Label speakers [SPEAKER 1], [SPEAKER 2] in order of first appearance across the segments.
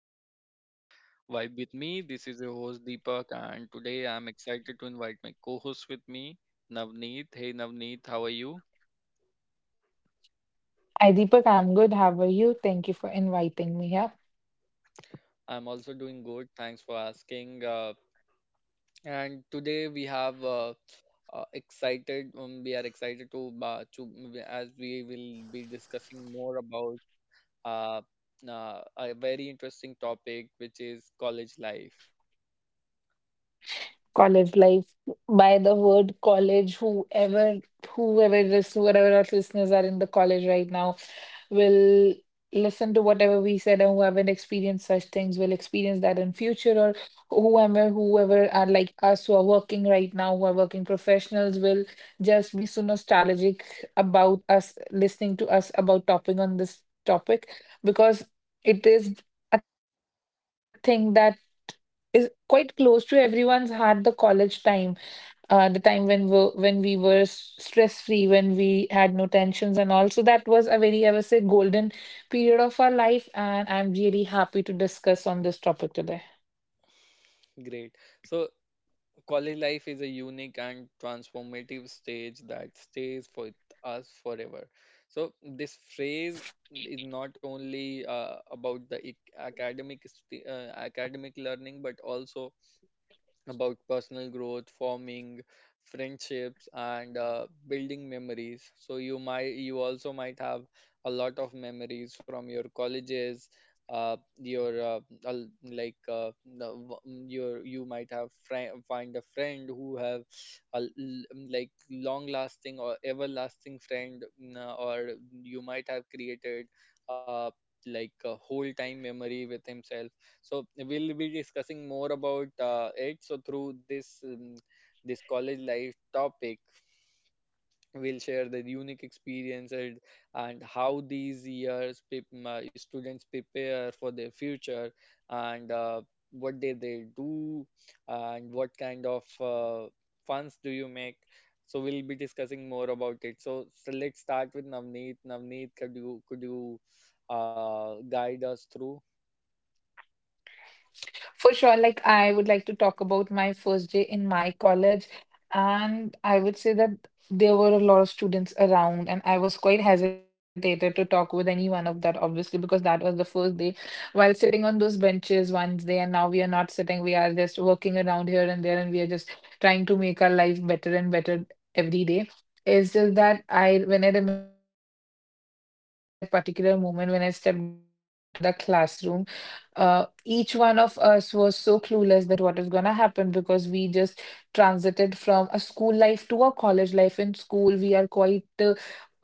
[SPEAKER 1] channel Vibe with me. This is your host Deepak and today I'm excited to invite my co-host with me, Navneet. Hey Navneet, how are you?
[SPEAKER 2] Hi Deepak, I'm good. How are you? Thank you for inviting me here.
[SPEAKER 1] I'm also doing good. Thanks for asking. And today we have excited we are excited to as we will be discussing more about uh, a very interesting topic which is college life.
[SPEAKER 2] College life. By the word college, whoever whoever is whatever, our listeners are in the college right now, will listen to whatever we said, and who haven't experienced such things will experience that in future, or whoever are like us, who are working right now, who are working professionals, will just be so nostalgic about us, listening to us about topping on this topic, because it is a thing that is quite close to everyone's heart. The college time, the time when we were stress free, when we had no tensions and all. So that was a very, I would say, golden period of our life, and I'm really happy to discuss on this topic today.
[SPEAKER 1] Great. So college life is a unique and transformative stage that stays with us forever. So, this phrase is not only about the academic learning but also about personal growth, forming friendships, and building memories. So you also might have a lot of memories from your colleges. Uh, your al- like the w- your you might have friend find a friend who have a like long lasting or everlasting friend, or you might have created uh, like a whole time memory with himself, so we'll be discussing more about it, so through this college life topic we'll share the unique experiences and how these years students prepare for their future and what did they do and what kind of funds do you make, so we'll be discussing more about it, so let's start with Navneet. Navneet, could you guide us through?
[SPEAKER 2] For sure, like, I would like to talk about my first day in my college, and I would say that there were a lot of students around, and I was quite hesitated to talk with any one of that, obviously, because that was the first day. While sitting on those benches one day, and now we are not sitting, we are just working around here and there, and we are just trying to make our life better and better every day. It's just that when I remember that particular moment when I stepped into the classroom, each one of us was so clueless that what is going to happen, because we just transited from a school life to a college life. In school, we are quite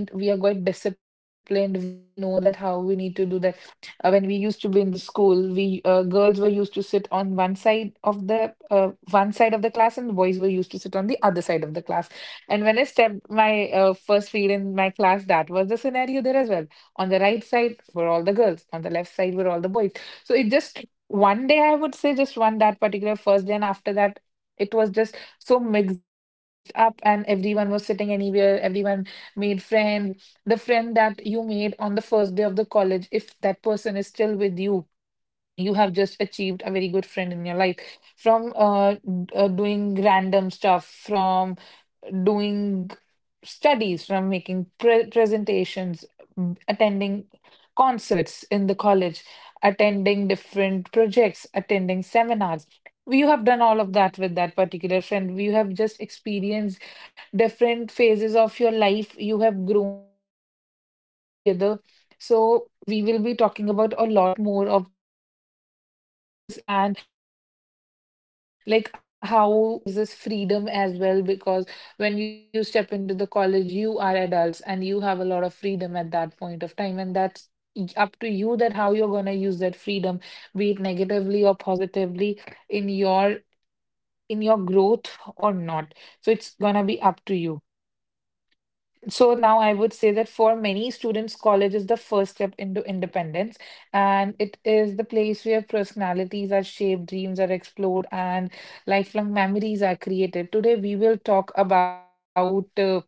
[SPEAKER 2] obedient, we are quite disciplined, we know that how we need to do that. When we used to be in the school, we, girls were used to sit on one side of the class, and boys were used to sit on the other side of the class. And when I stepped my first feet in my class, that was the scenario there as well. On the right side were all the girls, on the left side were all the boys. So it just one day, I would say, just one, that particular first day, and after that, it was just so mixed up, and everyone was sitting anywhere. Everyone made friends. The friend that you made on the first day of the college, if that person is still with you, you have just achieved a very good friend in your life. From doing random stuff, from doing studies, from making presentations, attending concerts in the college, attending different projects, attending seminars. You have done all of that with that particular friend. You have just experienced different phases of your life. You have grown together. So we will be talking about a lot more of this, and like, how college shapes us, how the college life shapes us, how it gives us freedom as well, because when you step into the college, you are adults, and you have a lot of freedom at that point of time, and that's up to you that how you're going to use that freedom, be it negatively or positively, in your growth or not. So it's going to be up to you. So now I would say that for many students, college is the first step into independence, and it is the place where personalities are shaped, dreams are explored, and lifelong memories are created.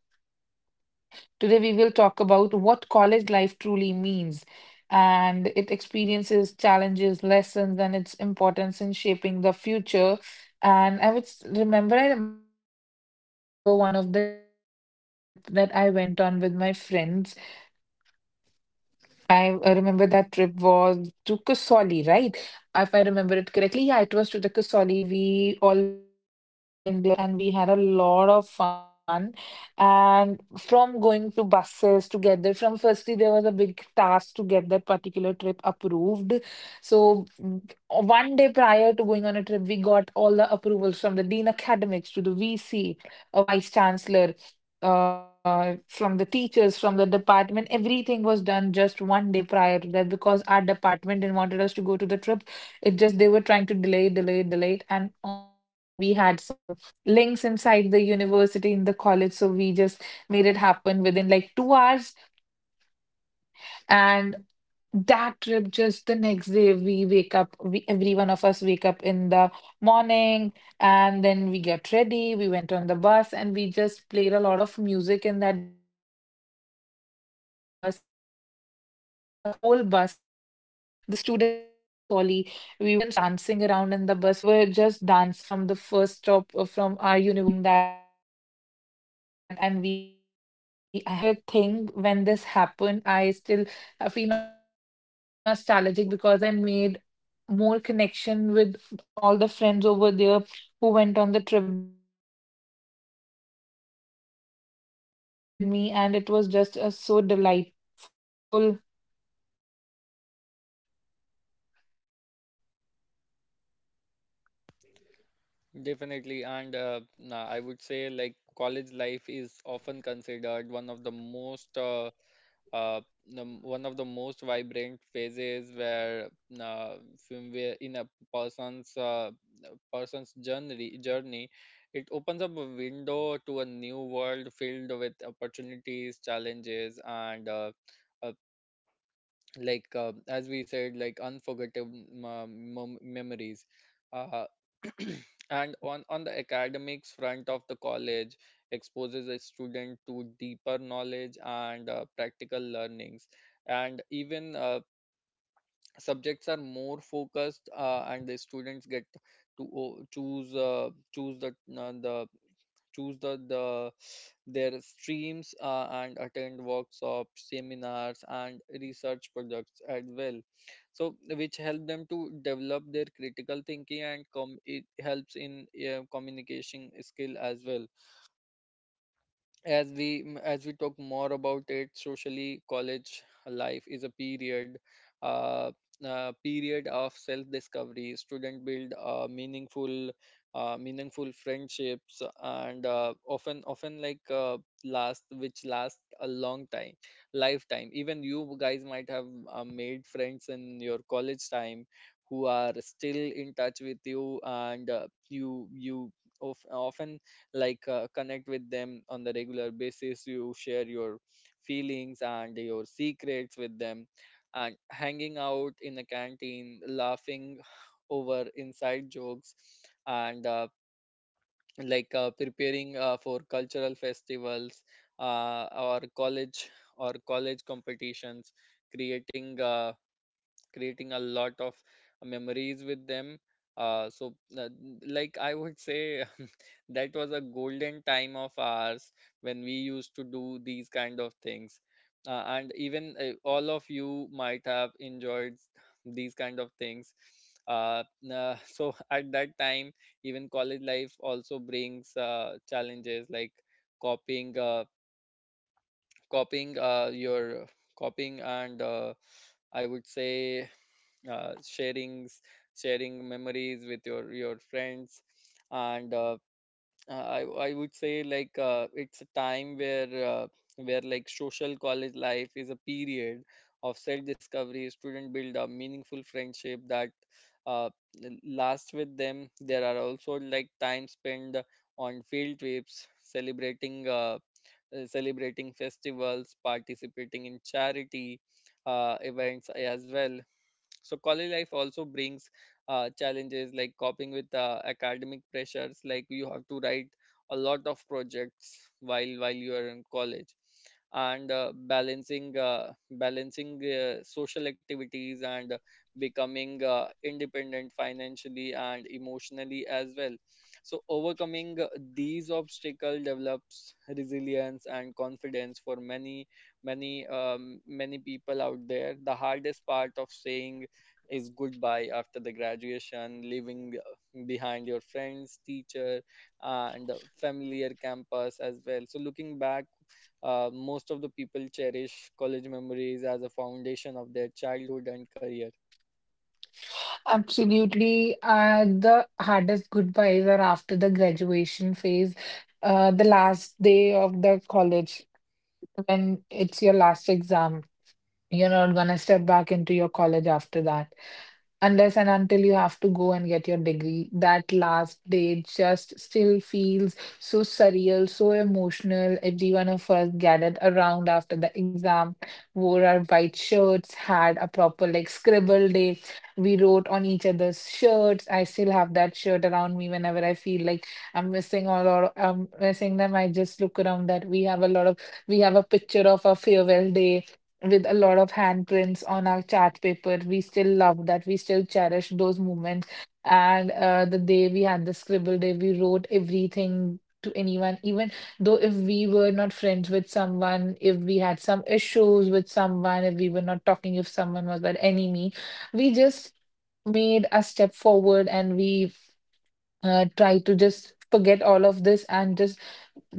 [SPEAKER 2] Today, we will talk about what college life truly means, and it experiences, challenges, lessons, and its importance in shaping the future. And I remember one of the trip that I went on with my friends. I, remember, that trip was to Kasoli, right? If I remember it correctly, yeah, it was to the Kasoli. We all went there and we had a lot of fun. And
[SPEAKER 3] To the VC, a vice chancellor, from the teachers, from the department. Everything was done just 1 day prior to that because our department didn't wanted us to go to the trip. It just they were trying to delay, delay, delay. And on the other hand, we had some links inside the university in the college, so we just made it happen within like 2 hours. And that trip, just the next day we wake up, every one of us wake up in the morning, and then we get ready, we went on the bus, and we just played a lot of music in that bus, and the whole bus, the students were dancing around in the bus from the first stop, from our university to Kusoli. We were just dancing around, and we were having a lot of fun doing that, and we I have a lot of videos of that. And I still remember that particular thing. When this happened, I feel nostalgic, because I made more connection with all the friends over there who went on the trip with me, and it was just a so delightful
[SPEAKER 1] Definitely, and I would say like college life is often considered one of the most uh, one of the most vibrant phases where uh, where in a person's uh, person's journey. It opens up a window to a new world filled with opportunities, challenges, and uh, like as we said, like unforgettable memories. Uh, And on the academics front of the college exposes a student to deeper knowledge and practical learnings, and even subjects are more focused, and the students get to choose the uh, the choose the their streams, and attend workshops, seminars, and research projects as well. So, which help them to develop their critical thinking and it helps in communication skill as well. As we talk more about it, socially college life is a uh, period of self discovery. Student build meaningful friendships and often like last a long time, lifetime even. You guys might have made friends in your college time who are still in touch with you, and often like connect with them on the regular basis. You share your feelings and your secrets with them, and hanging out in the canteen, laughing over inside jokes, and like preparing for cultural festivals, uh, or college or college competitions, creating uh, creating a lot of memories with them. Uh, so, uh, like I would say, that was a golden time of ours when we used to do these kind of things. And even all of you might have enjoyed these kind of things. Uh, so at that time, even college life also brings challenges like copying, uh, copying uh, your copying and I would say uh, sharings sharing memories with your friends, and uh, i I would say like it's a time where like social college life is a period of self discovery. Student build a meaningful friendship that uh, lasts with them. There are also like time spent on field trips, celebrating celebrating festivals, participating in charity events as well. So college life also brings challenges like coping with academic pressures, like you have to write a lot of projects while you are in college, and balancing social activities, and becoming independent financially and emotionally as well. So overcoming these obstacles develops resilience and confidence for many people out there. The hardest part of saying is goodbye after the graduation, leaving behind your friends, teacher, and the familiar campus as well. So, looking back, most of the people cherish college memories as a foundation of their childhood and career.
[SPEAKER 4] Absolutely. The hardest goodbyes are after the graduation phase, the last day of the college, when it's your last exam. You're not gonna step back into your college after that unless and until you have to go and get your degree. That last day just still feels so surreal, so emotional. Every one of us gathered around after the exam, wore our white shirts, had a proper like scribble day. We wrote on each other's shirts. I still have that shirt around me. Whenever I feel like I'm missing all, or I'm missing them, I just look around that we have a picture of our farewell day with a lot of handprints on our chart paper. We still love that. We still cherish those moments. And the day we had the scribble day, we wrote everything to anyone, even though if we were not friends with someone, if we had some issues with someone, if we were not talking, if someone was our enemy, we just made a step forward, and we tried to just forget all of this and just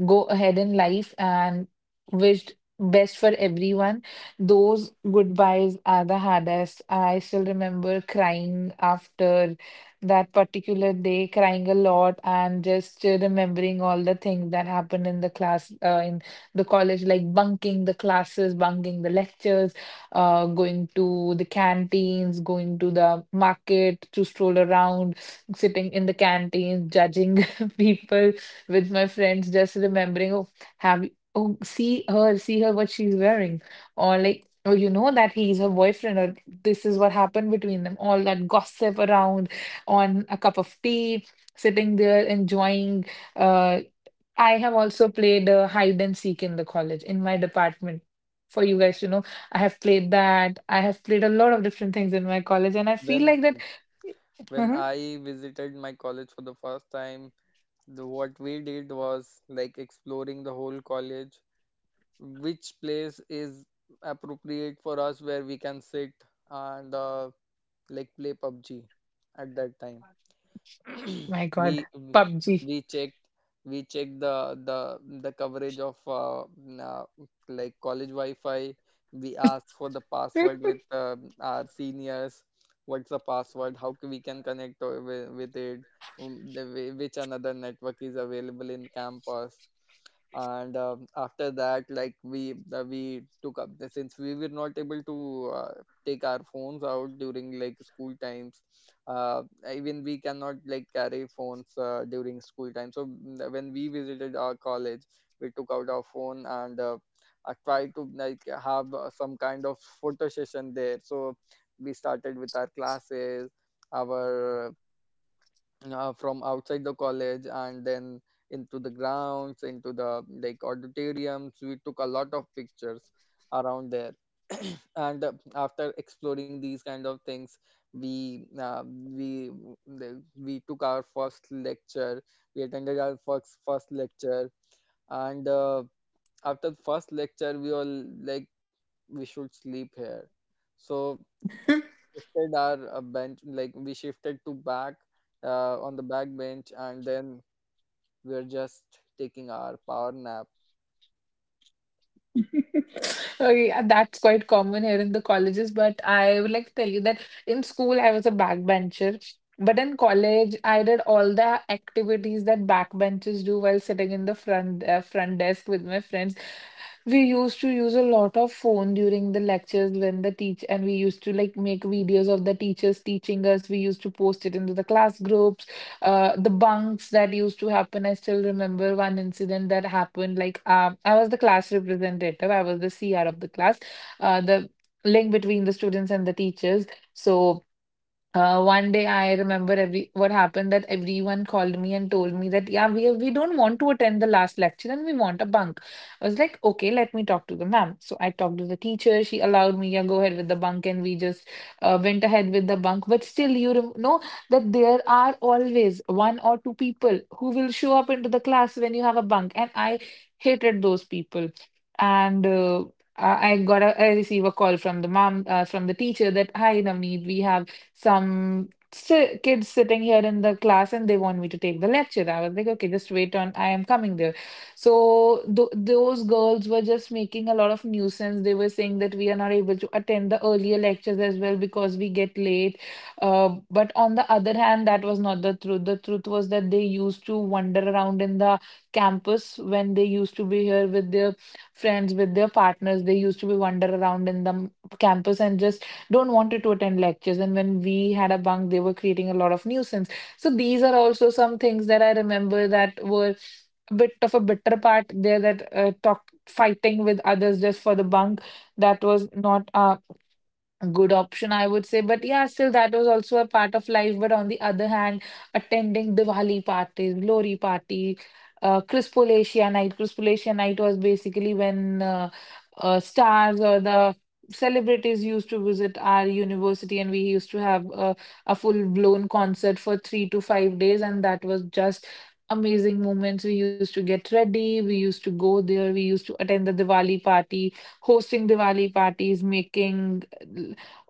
[SPEAKER 4] go ahead in life and wished best for everyone. Those goodbyes are the hardest. I still remember crying after that particular day, crying a lot, and just remembering all the things that happened in the class, in the college, like bunking the classes, bunking the lectures, going to the canteens, going to the market to stroll around, sitting in the canteens, judging people with my friends, just remembering, oh, have you, oh, see her, what she's wearing, or like, oh, you know that he's her boyfriend, or this is what happened between them. All that gossip around on a cup of tea, sitting there enjoying. Uh, I have also played hide and seek in the college in my department. For you guys to know, I have played that. I have played a lot of different things in my college, and I feel
[SPEAKER 1] When
[SPEAKER 4] like that.
[SPEAKER 1] when I visited my college for the first time, what we did was like exploring the whole college, which place is appropriate for us where we can sit and like play PUBG at that time.
[SPEAKER 4] My
[SPEAKER 1] we
[SPEAKER 4] God,
[SPEAKER 1] we
[SPEAKER 4] PUBG.
[SPEAKER 1] we checked we checked the coverage of like college Wi-Fi. We asked for the password with our seniors. What's the password? How we can connect with it? Which another network is available in campus? And after that, like we took up the, since we were not able to take our phones out during like school times, uh, even we cannot like carry phones during school time. When we visited our college, we took out our phone and tried to like have some kind of photo session there. So we started with our classes our from outside the college and then into the grounds, into the like auditoriums. We took a lot of pictures around there. And after exploring these kind of things, we uh, we we took our first lecture. We attended our first lecture, and after the first lecture we all like we should sleep here, so shifted our bench, we shifted to back, on the back bench, and then we're just taking our power nap.
[SPEAKER 4] Okay, that's quite common here in the colleges, but I would like to tell you that in school I was a backbencher, but in college I did all the activities that backbenchers do while sitting in the front front desk with my friends. We used to use a lot of phone during the lectures when the teach, and we used to like make videos of the teachers teaching us. We used to post it into the class group. The bunks that used to happen. I still remember one incident that happened. Like, I was the class representative, I was the CR of the class, the link between the students and the teachers. So, one day I remember every what happened, that everyone called me and told me that, yeah, we don't want to attend the last lecture and we want a bunk. I was like, okay, let me talk to the ma'am. So I talked to the teacher. She allowed me, yeah, go ahead with the bunk, and we just went ahead with the bunk. But still you know that there are always one or two people who will show up into the class when you have a bunk, and I hated those people and. I receive a call from the teacher that, hi Navneet, we have some si kids sitting here in the class and they want me to take the lecture. I was like, okay, just wait on, I am coming there. So th those girls were just making a lot of nuisance. They were saying that we are not able to attend the earlier lectures as well because we get late. But on the other hand, that was not the truth. The truth was that they used to wander around in the campus when they used to be here with their friends, with their partners. They used to be wander around in the campus and just don't wanted to attend lectures, and when we had a bunk they were creating a lot of nuisance. So these are also some things that I remember that were a bit of a bitter part there, that talk fighting with others just for the bunk, that was not a good option, I would say. But yeah, still that was also a part of life. But on the other hand, attending Diwali parties, glory party, Crispolatia night. Crispolatia night was basically when stars or the celebrities used to visit our university, and we used to have a full-blown concert for 3 to 5 days. And that was just amazing moments. We used to get ready, we used to go there, we used to attend the Diwali party, hosting Diwali parties, making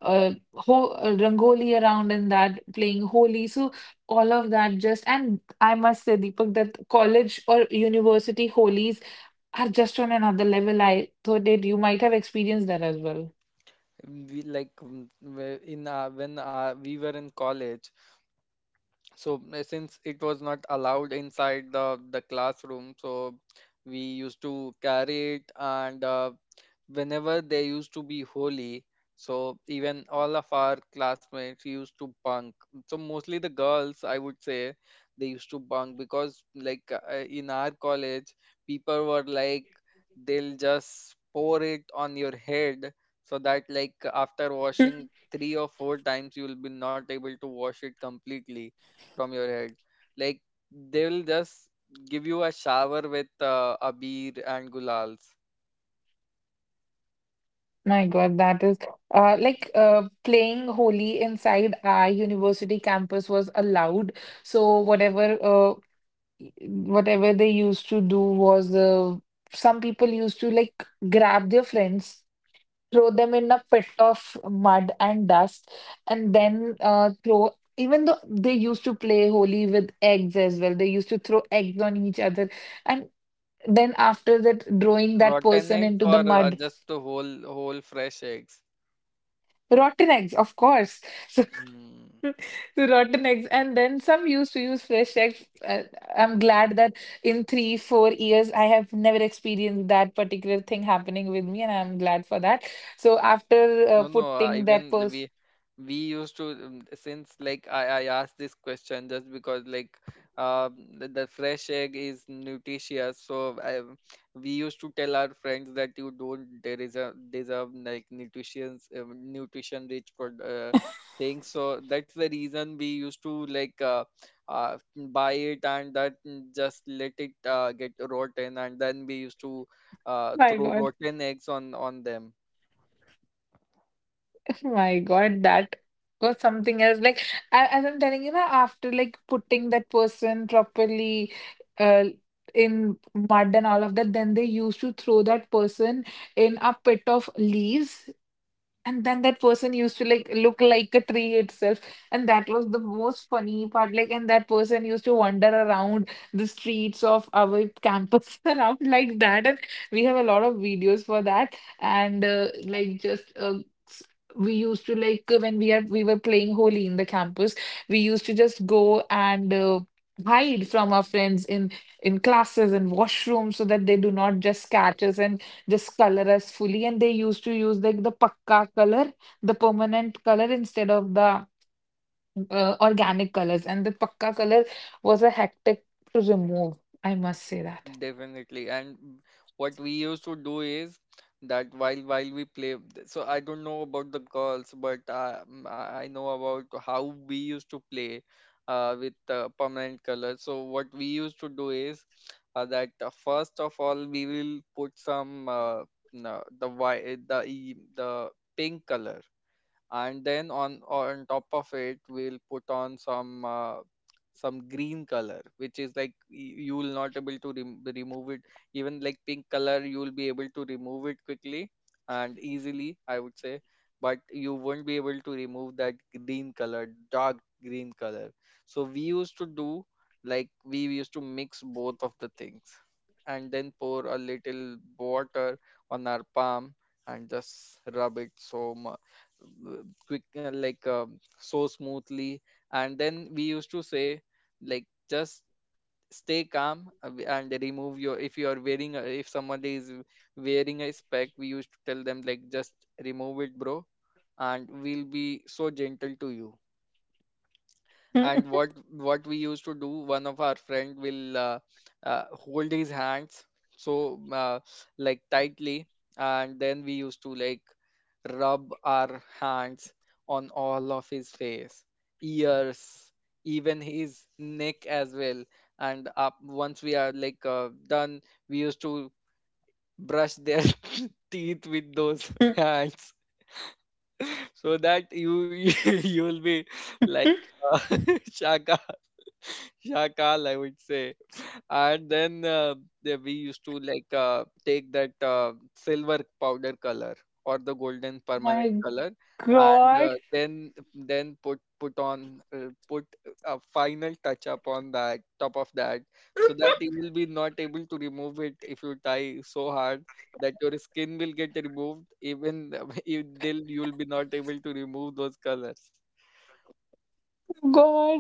[SPEAKER 4] ho rangoli around in that, playing holi. So all of that, just, and I must say, Deepak, that college or university holies are just on another level. I thought that you might have experienced that as well.
[SPEAKER 1] We like where in our, when our, We were in college, so since it was not allowed inside the classroom, so we used to carry it and whenever there used to be Holi, so even all of our classmates used to bunk, so mostly the girls I would say, they used to bunk because like in our college people were like they'll just pour it on your head, so that like after washing three or four times you will be not able to wash it completely from your head. Like they will just give you a shower with abir and gulals,
[SPEAKER 4] My God, that is like playing Holi inside our university campus was allowed. So whatever whatever they used to do was, some people used to like grab their friends, throw them in a pit of mud and dust, and then throw. Even though they used to play holy with eggs as well, they used to throw eggs on each other, and then after that, throwing that
[SPEAKER 1] rotten
[SPEAKER 4] person
[SPEAKER 1] eggs
[SPEAKER 4] into the
[SPEAKER 1] or
[SPEAKER 4] mud,
[SPEAKER 1] just the whole fresh eggs.
[SPEAKER 4] rotten eggs, of course.
[SPEAKER 1] Hmm.
[SPEAKER 4] So, rotten eggs, and then some used to use fresh eggs. I'm glad that in three, 4 years, I have never experienced that particular thing happening with me, and I'm glad for that. So after
[SPEAKER 1] No, no,
[SPEAKER 4] putting that
[SPEAKER 1] even the-
[SPEAKER 4] person,
[SPEAKER 1] we used to, since like I asked this question just because like uh the fresh egg is nutritious, so we used to tell our friends that you don't, there is a deserve, like nutritious, nutrition rich pro uh, things. So that's the reason we used to like buy it and that, just let it get rotten and then we used to
[SPEAKER 4] my
[SPEAKER 1] throw
[SPEAKER 4] God.
[SPEAKER 1] rotten eggs on them.
[SPEAKER 4] My God, that was something else. Like, as I'm telling you now, after like putting that person properly, uh, in mud and all of that, then they used to throw that person in a pit of leaves, and then that person used to like look like a tree itself. And that was the most funny part. Like, and that person used to wander around the streets of our campus around like that. And we have a lot of videos for that. And like, s- we used to when we were playing Holi in the campus, we used to just go and hide from our friends in classes and washrooms so that they do not just catch us. And just color us fully, and they used to use like the pakka color, the permanent color instead of the organic colors. And the pakka color was a hectic to remove, I must say that.
[SPEAKER 1] Definitely. And what we used to do is that while we play, so I don't know about the girls, but I know about how we used to play with permanent color. So what we used to do is that first of all we will put some no, the pink color, and then on top of it we'll put on some green color which is like you will not able to remove it. Even like pink color you will be able to remove it quickly and easily, I would say, but you won't be able to remove that green color, dark green color. So we used to do like we used to mix both of the things and then pour a little water on our palm and just rub it so much, quick like so smoothly, and then we used to say like just stay calm, and remove your, if you are wearing a, if somebody is wearing a spec, we used to tell them like just remove it bro and we'll be so gentle to you. And what we used to do, one of our friend will hold his hands, so like tightly, and then we used to like rub our hands on all of his face, ears, even his neck as well, and up once we are like done, we used to brush their teeth with those hands, so that you you will be like uh, shaka Shakal, I would say. And then we used to take that silver powder color or the golden permanent
[SPEAKER 4] My
[SPEAKER 1] color. And
[SPEAKER 4] god.
[SPEAKER 1] then put a final touch up on that top of that, so that you will be not able to remove it if you tie so hard that your skin will get removed. Even if they'll you'll be not able to remove those colors.
[SPEAKER 4] God.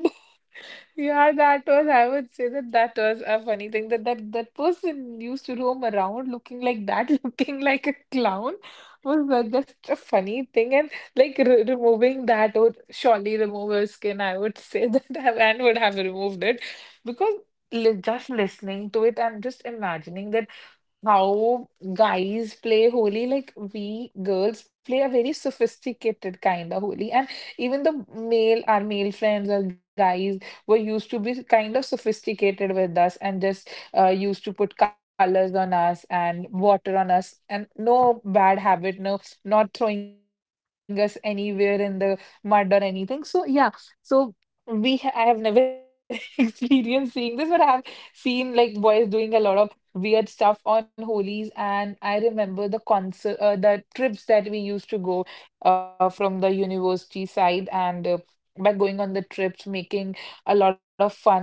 [SPEAKER 4] Yeah, that was, I would say that that was a funny thing that that person used to roam around looking like that, looking like a clown, was just a funny thing. And like re removing that would surely remove her skin, I would say that and would have removed it, because li just listening to it, I'm just imagining that how guys play Holi, like we girls play a very sophisticated kind of Holi. And even the male, our male friends or guys were used to be kind of sophisticated with us, and just used to put colors on us and water on us and no bad habit, no, not throwing us anywhere in the mud or anything. So, yeah, so. I have never experienced seeing this, but I have seen like boys doing a lot of weird stuff on Holi's. And I remember the concert, the trips that we used to go from the university side, and by going on the trips, making a lot of fun of the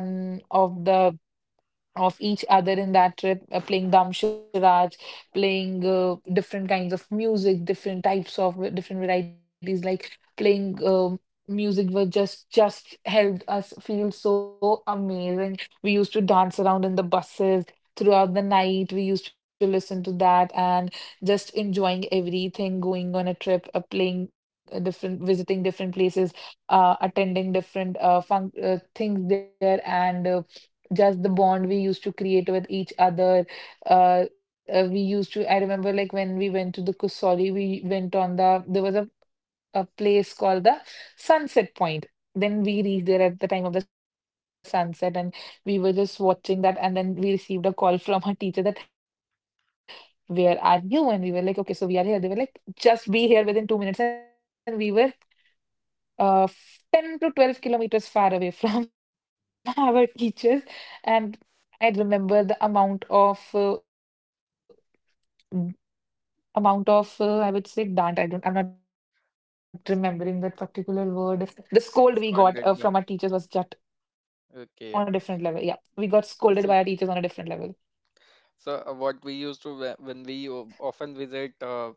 [SPEAKER 4] of each other in that trip, playing damsharaj, playing different kinds of music, different types of different varieties, like playing music was just helped us feel so amazing. We used to dance around in the buses throughout the night. We used to listen to that and just enjoying everything, going on a trip, playing different, visiting different places, attending different fun things there and. Just the bond we used to create with each other. We used to, I remember like when we went to the Kusori, we went on there was a place called the Sunset Point. Then we reached there at the time of the sunset, and we were just watching that. And then we received a call from our teachers that, where are you? And we were like, okay, so we are here. They were like, just be here within 2 minutes. And we were 10 to 12 kilometers far away from our teachers. And I remember the amount of uh, m- amount of I would say dant. I don't. I'm not remembering that particular word. The scold we got from
[SPEAKER 1] All
[SPEAKER 4] our
[SPEAKER 1] that.
[SPEAKER 4] teachers was just on a different level. Yeah, we
[SPEAKER 1] Okay.
[SPEAKER 4] got scolded by our teachers on a
[SPEAKER 1] So.
[SPEAKER 4] different level.
[SPEAKER 1] So, what we used to when we often visit uh,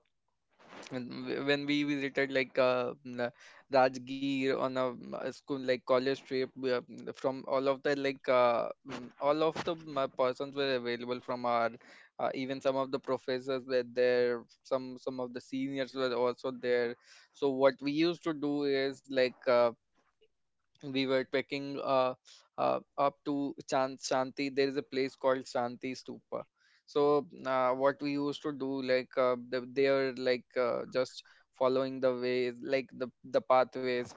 [SPEAKER 1] and w- when we visited Rajgir on a a school like college trip, from all of the all of the persons were available from our, even some of the professors were there, some of the seniors were also there. So what we used to do is we were trekking up to Shanti. There is a place called Shanti Stupa. So what we used to do, they are just following the ways, like the pathways.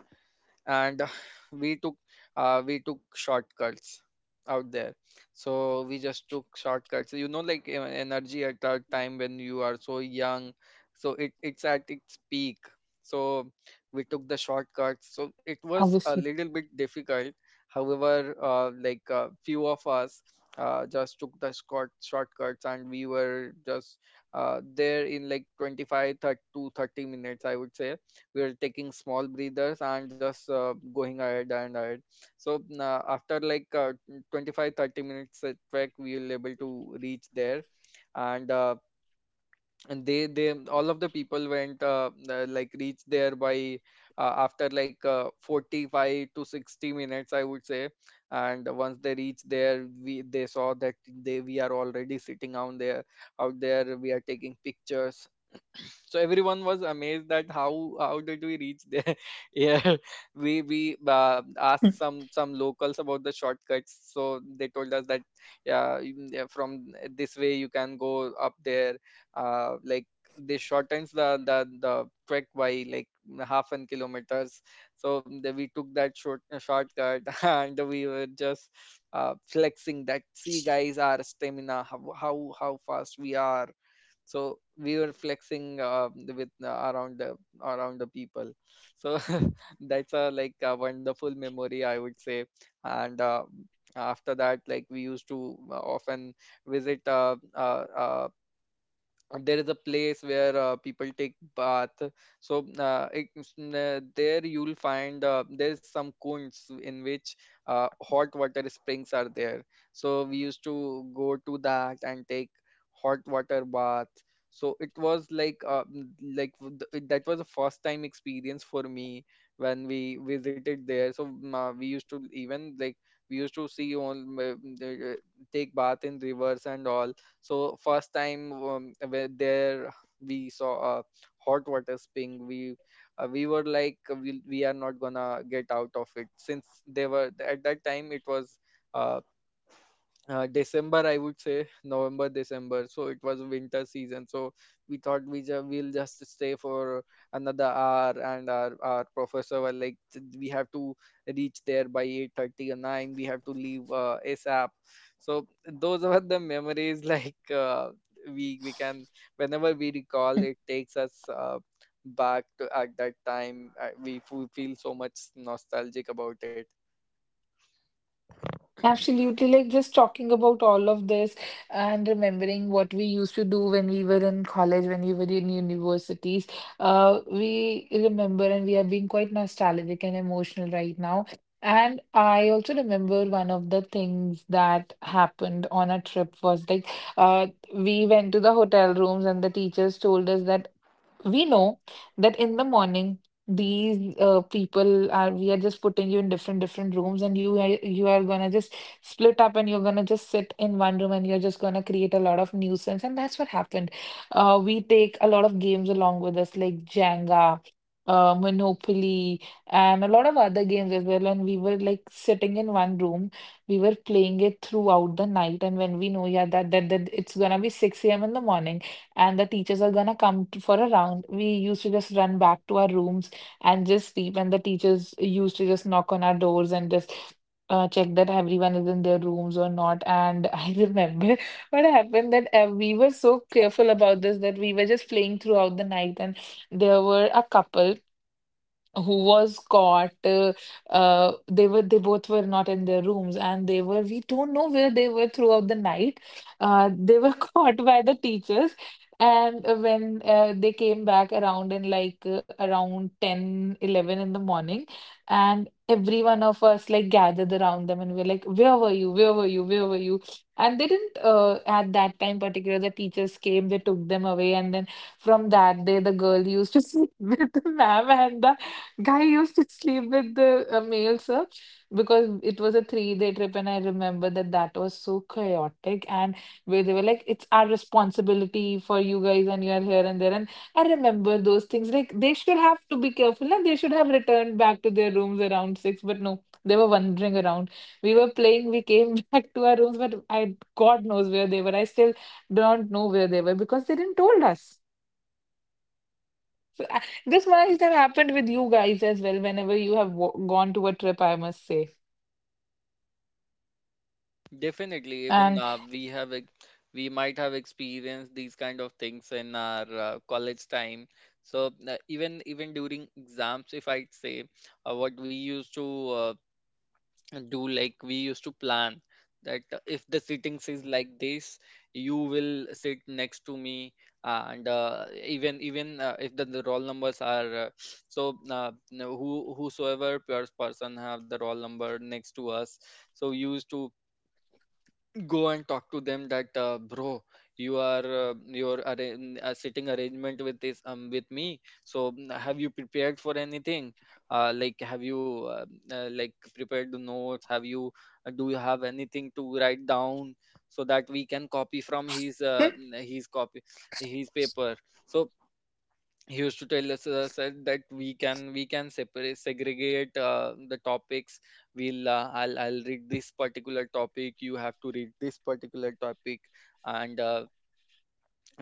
[SPEAKER 1] And we took we took shortcuts out there. So we just took shortcuts, you know, like energy at that time when you are so young, so it's at its peak. So we took the shortcuts, so
[SPEAKER 4] Obviously.
[SPEAKER 1] it was a little bit difficult. However, few of us just took the shortcuts, and we were just there in like 25, 30 to 30 minutes, I would say. We're taking small breathers and just going ahead and ahead. So after 25 30 minutes trek, we will able to reach there. And and they all of the people went like reached there by after 45 to 60 minutes, I would say. And once they reached there, we they saw that they we are already sitting out there. Out there we are taking pictures. So everyone was amazed that how did we reach there. Yeah, we
[SPEAKER 4] Hmm.
[SPEAKER 1] asked some locals about the shortcuts, so they told us that yeah, from this way you can go up there. uh, like they shortens the trek by like half an kilometers. So we took that shortcut. And we were just flexing that, see guys, our stamina, how fast we are. So we were flexing with around the people. So that's a like a wonderful memory, I would say. And after that, like we used to often visit and there is a place where people take bath. So there you'll find there's some cones in which hot water springs are there. So we used to go to that and take hot water bath. So it was that was a first time experience for me when we visited there. So we used to even like we used to see on take bath in rivers and all. So first time where there we saw a hot water spring. We were we are not gonna get out of it, since they were, at that time it was uh, December, I would say November, December. So it was winter season. So we thought we'll just stay for another hour. And our professor were like, We have to reach there by 8:30 or nine. We have to leave ASAP." So those are the memories. Like, we can whenever we recall, it takes us back to at that time. We feel so much nostalgic about it.
[SPEAKER 4] Absolutely. Like, just talking about all of this and remembering what we used to do when we were in college, when we were in universities, we remember, and we are being quite nostalgic and emotional right now. And I also remember one of the things that happened on a trip was like, uh, we went to the hotel rooms, and the teachers told us that we know that in the morning these people are we are just putting you in different different rooms, and you are gonna just split up, and you're gonna just sit in one room, and you're just gonna create a lot of nuisance, and that's what happened. We take a lot of games along with us, like Jenga, Monopoly, and a lot of other games as well, and we were like sitting in one room, we were playing it throughout the night. And when we know, yeah, that it's gonna be 6 a.m. in the morning and the teachers are gonna come for a round, we used to just run back to our rooms and just sleep, and the teachers used to just knock on our doors and just check that everyone is in their rooms or not. And I remember what happened, that we were so careful about this that we were just playing throughout the night, and there were a couple who was caught. They both were not in their rooms, and they were we don't know where they were throughout the night. They were caught by the teachers. And when they came back around in like around 10, 11 in the morning, and every one of us like gathered around them, and we were like, "Where were you? Where were you? Where were you?" And they didn't. At that time particular, the teachers came, they took them away, and then from that day, the girl used to sleep with the ma'am and the guy used to sleep with the male sir, because it was a 3-day trip. And I remember that that was so chaotic. And where they were like, "It's our responsibility for you guys, and you are here and there." And I remember those things. Like, they should have to be careful, and they should have returned back to their rooms around 6. But no, they were wandering around. We were playing. We came back to our rooms, but I, God knows where they were. I still don't know where they were, because they didn't told us. So, this must have happened with you guys as well, whenever you have w gone to a trip, I must say.
[SPEAKER 1] Definitely, even
[SPEAKER 4] And.
[SPEAKER 1] we might have experienced these kind of things in our college time. So even even during exams, if I'd say, what we used to do, like we used to plan that if the sittings is like this, you will sit next to me. And even even if the roll numbers are so who whosoever person have the roll number next to us, so used to go and talk to them that bro, you are sitting arrangement with this with me, so have you prepared for anything, like have you like prepared the notes, have you do you have anything to write down so that we can copy from his his copy, his paper. So he used to tell us said that we can separate segregate the topics. We'll I'll read this particular topic, you have to read this particular topic. And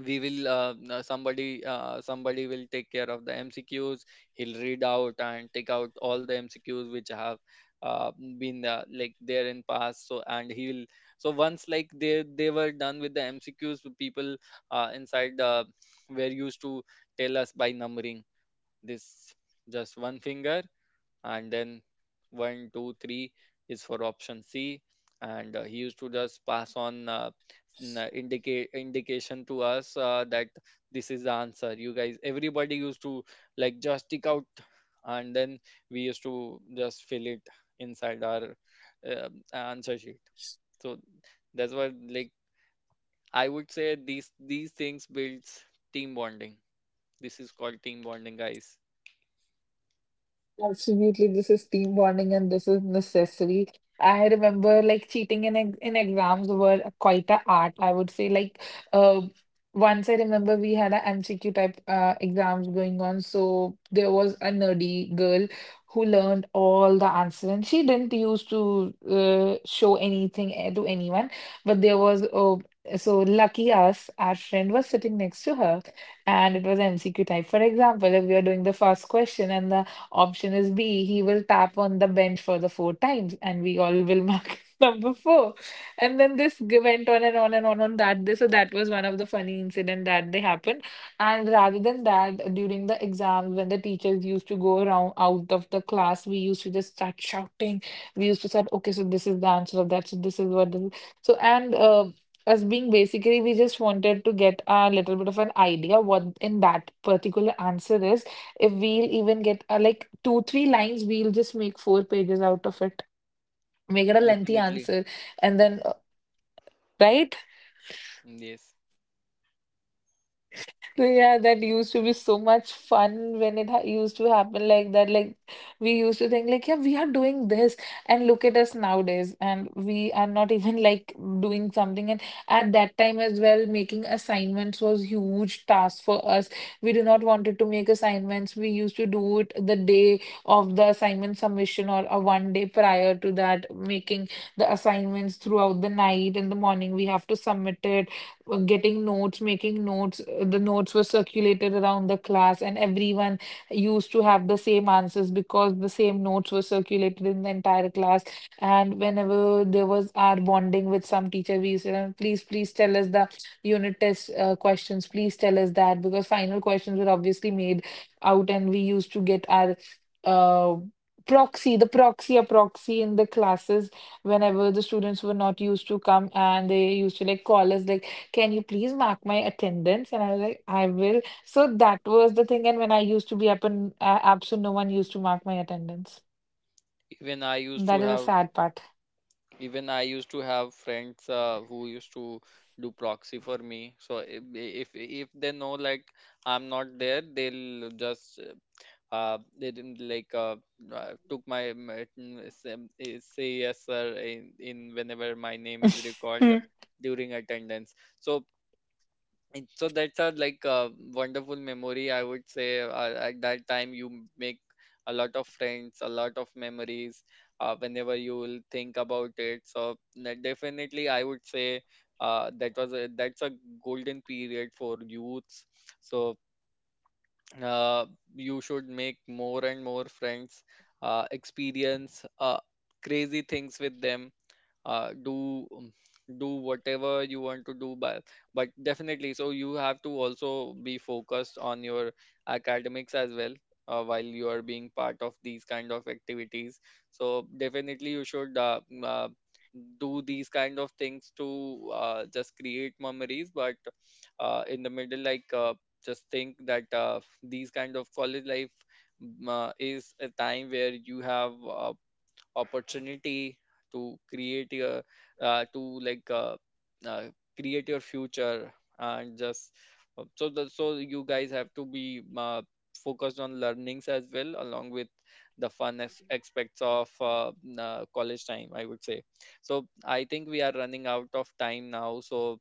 [SPEAKER 1] we will somebody somebody will take care of the mcqs. He'll read out and take out all the mcqs which have uh, been there in past. So and he'll, so once like they were done with the mcqs, people inside were used to tell us by numbering this, just one finger, and then 1 2 3 is for option c. And he used to just pass on indicate indication to us that this is the answer you guys, everybody used to like just stick out. And then we used to just fill it inside our answer sheet. So that's what like I would say these things builds team bonding. This is called team bonding, guys.
[SPEAKER 4] Absolutely, this is team bonding, and this is necessary. I remember, like, cheating in in exams were quite a art. I would say, like, uh, once I remember we had a MCQ type exams going on, so there was a nerdy girl who learned all the answers, and she didn't used to show anything to anyone, but there was, oh so lucky us, our friend was sitting next to her, and it was MCQ type. For example, if we are doing the first question and the option is B, he will tap on the bench for the four times, and we all will mark number four. And then this went on and on and on on that day. So that was one of the funny incident that they happened. And rather than that, during the exams, when the teachers used to go around out of the class, we used to just start shouting. We used to say, okay, so this is the answer of that. So this is what. This. So, and us being basically, we just wanted to get a little bit of an idea what in that particular answer is. If we'll even get like two, three lines, we'll just make four pages out of it, make it a lengthy
[SPEAKER 1] Definitely.
[SPEAKER 4] answer, and then right?
[SPEAKER 1] Yes,
[SPEAKER 4] So, yeah, that used to be so much fun when it ha used to happen like that. Like, we used to think like, yeah, we are doing this, and look at us nowadays, and we are not even like doing something. And at that time as well, making assignments was huge task for us. We do not wanted to make assignments. We used to do it the day of the assignment submission, or a 1 day prior to that, making the assignments throughout the night. In the morning, we have to submit it. Getting notes, making notes. The notes were circulated around the class, and everyone used to have the same answers, because the same notes were circulated in the entire class. And whenever there was our bonding with some teacher, we used to, Please, please tell us the unit test questions, please tell us that," because final questions were obviously made out, and we used to get our uh, a proxy in the classes whenever the students were not used to come, and they used to like call us like, "Can you please mark my attendance?" And I was like, "I will." So that was the thing. And when I used to be up and absent, no one used to mark my attendance.
[SPEAKER 1] even I used to
[SPEAKER 4] That is a
[SPEAKER 1] have
[SPEAKER 4] sad part.
[SPEAKER 1] even I used to have friends who used to do proxy for me. So if they know like I'm not there, they'll just they didn't like took my say yes sir in whenever my name is recalled during attendance. So, and so that's a like a wonderful memory, I would say. At that time, you make a lot of friends, a lot of memories. Whenever you will think about it, so that definitely, I would say that's a golden period for youths. So uh, you should make more and more friends, experience crazy things with them, uh, do um, do whatever you want to do. But definitely, so you have to also be focused on your academics as well, while you are being part of these kind of activities. So definitely you should do these kind of things to just create memories. But in the middle like just think that these kind of college life is a time where you have opportunity to create your to like uh, create your future. And just so you guys have to be focused on learnings as well, along with the fun aspects of college time, I would say. So I think we are running out of time now. So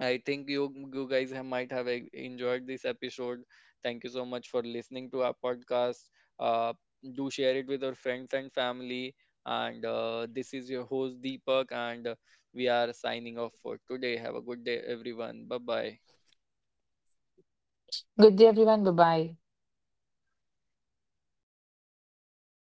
[SPEAKER 1] I think you guys have, might have enjoyed this episode. Thank you so much for listening to our podcast. Uh, do share it with your friends and family. And this is your host Deepak, and we are signing off for today. Have a good day, everyone. Bye bye.
[SPEAKER 4] Good day, everyone. Bye bye.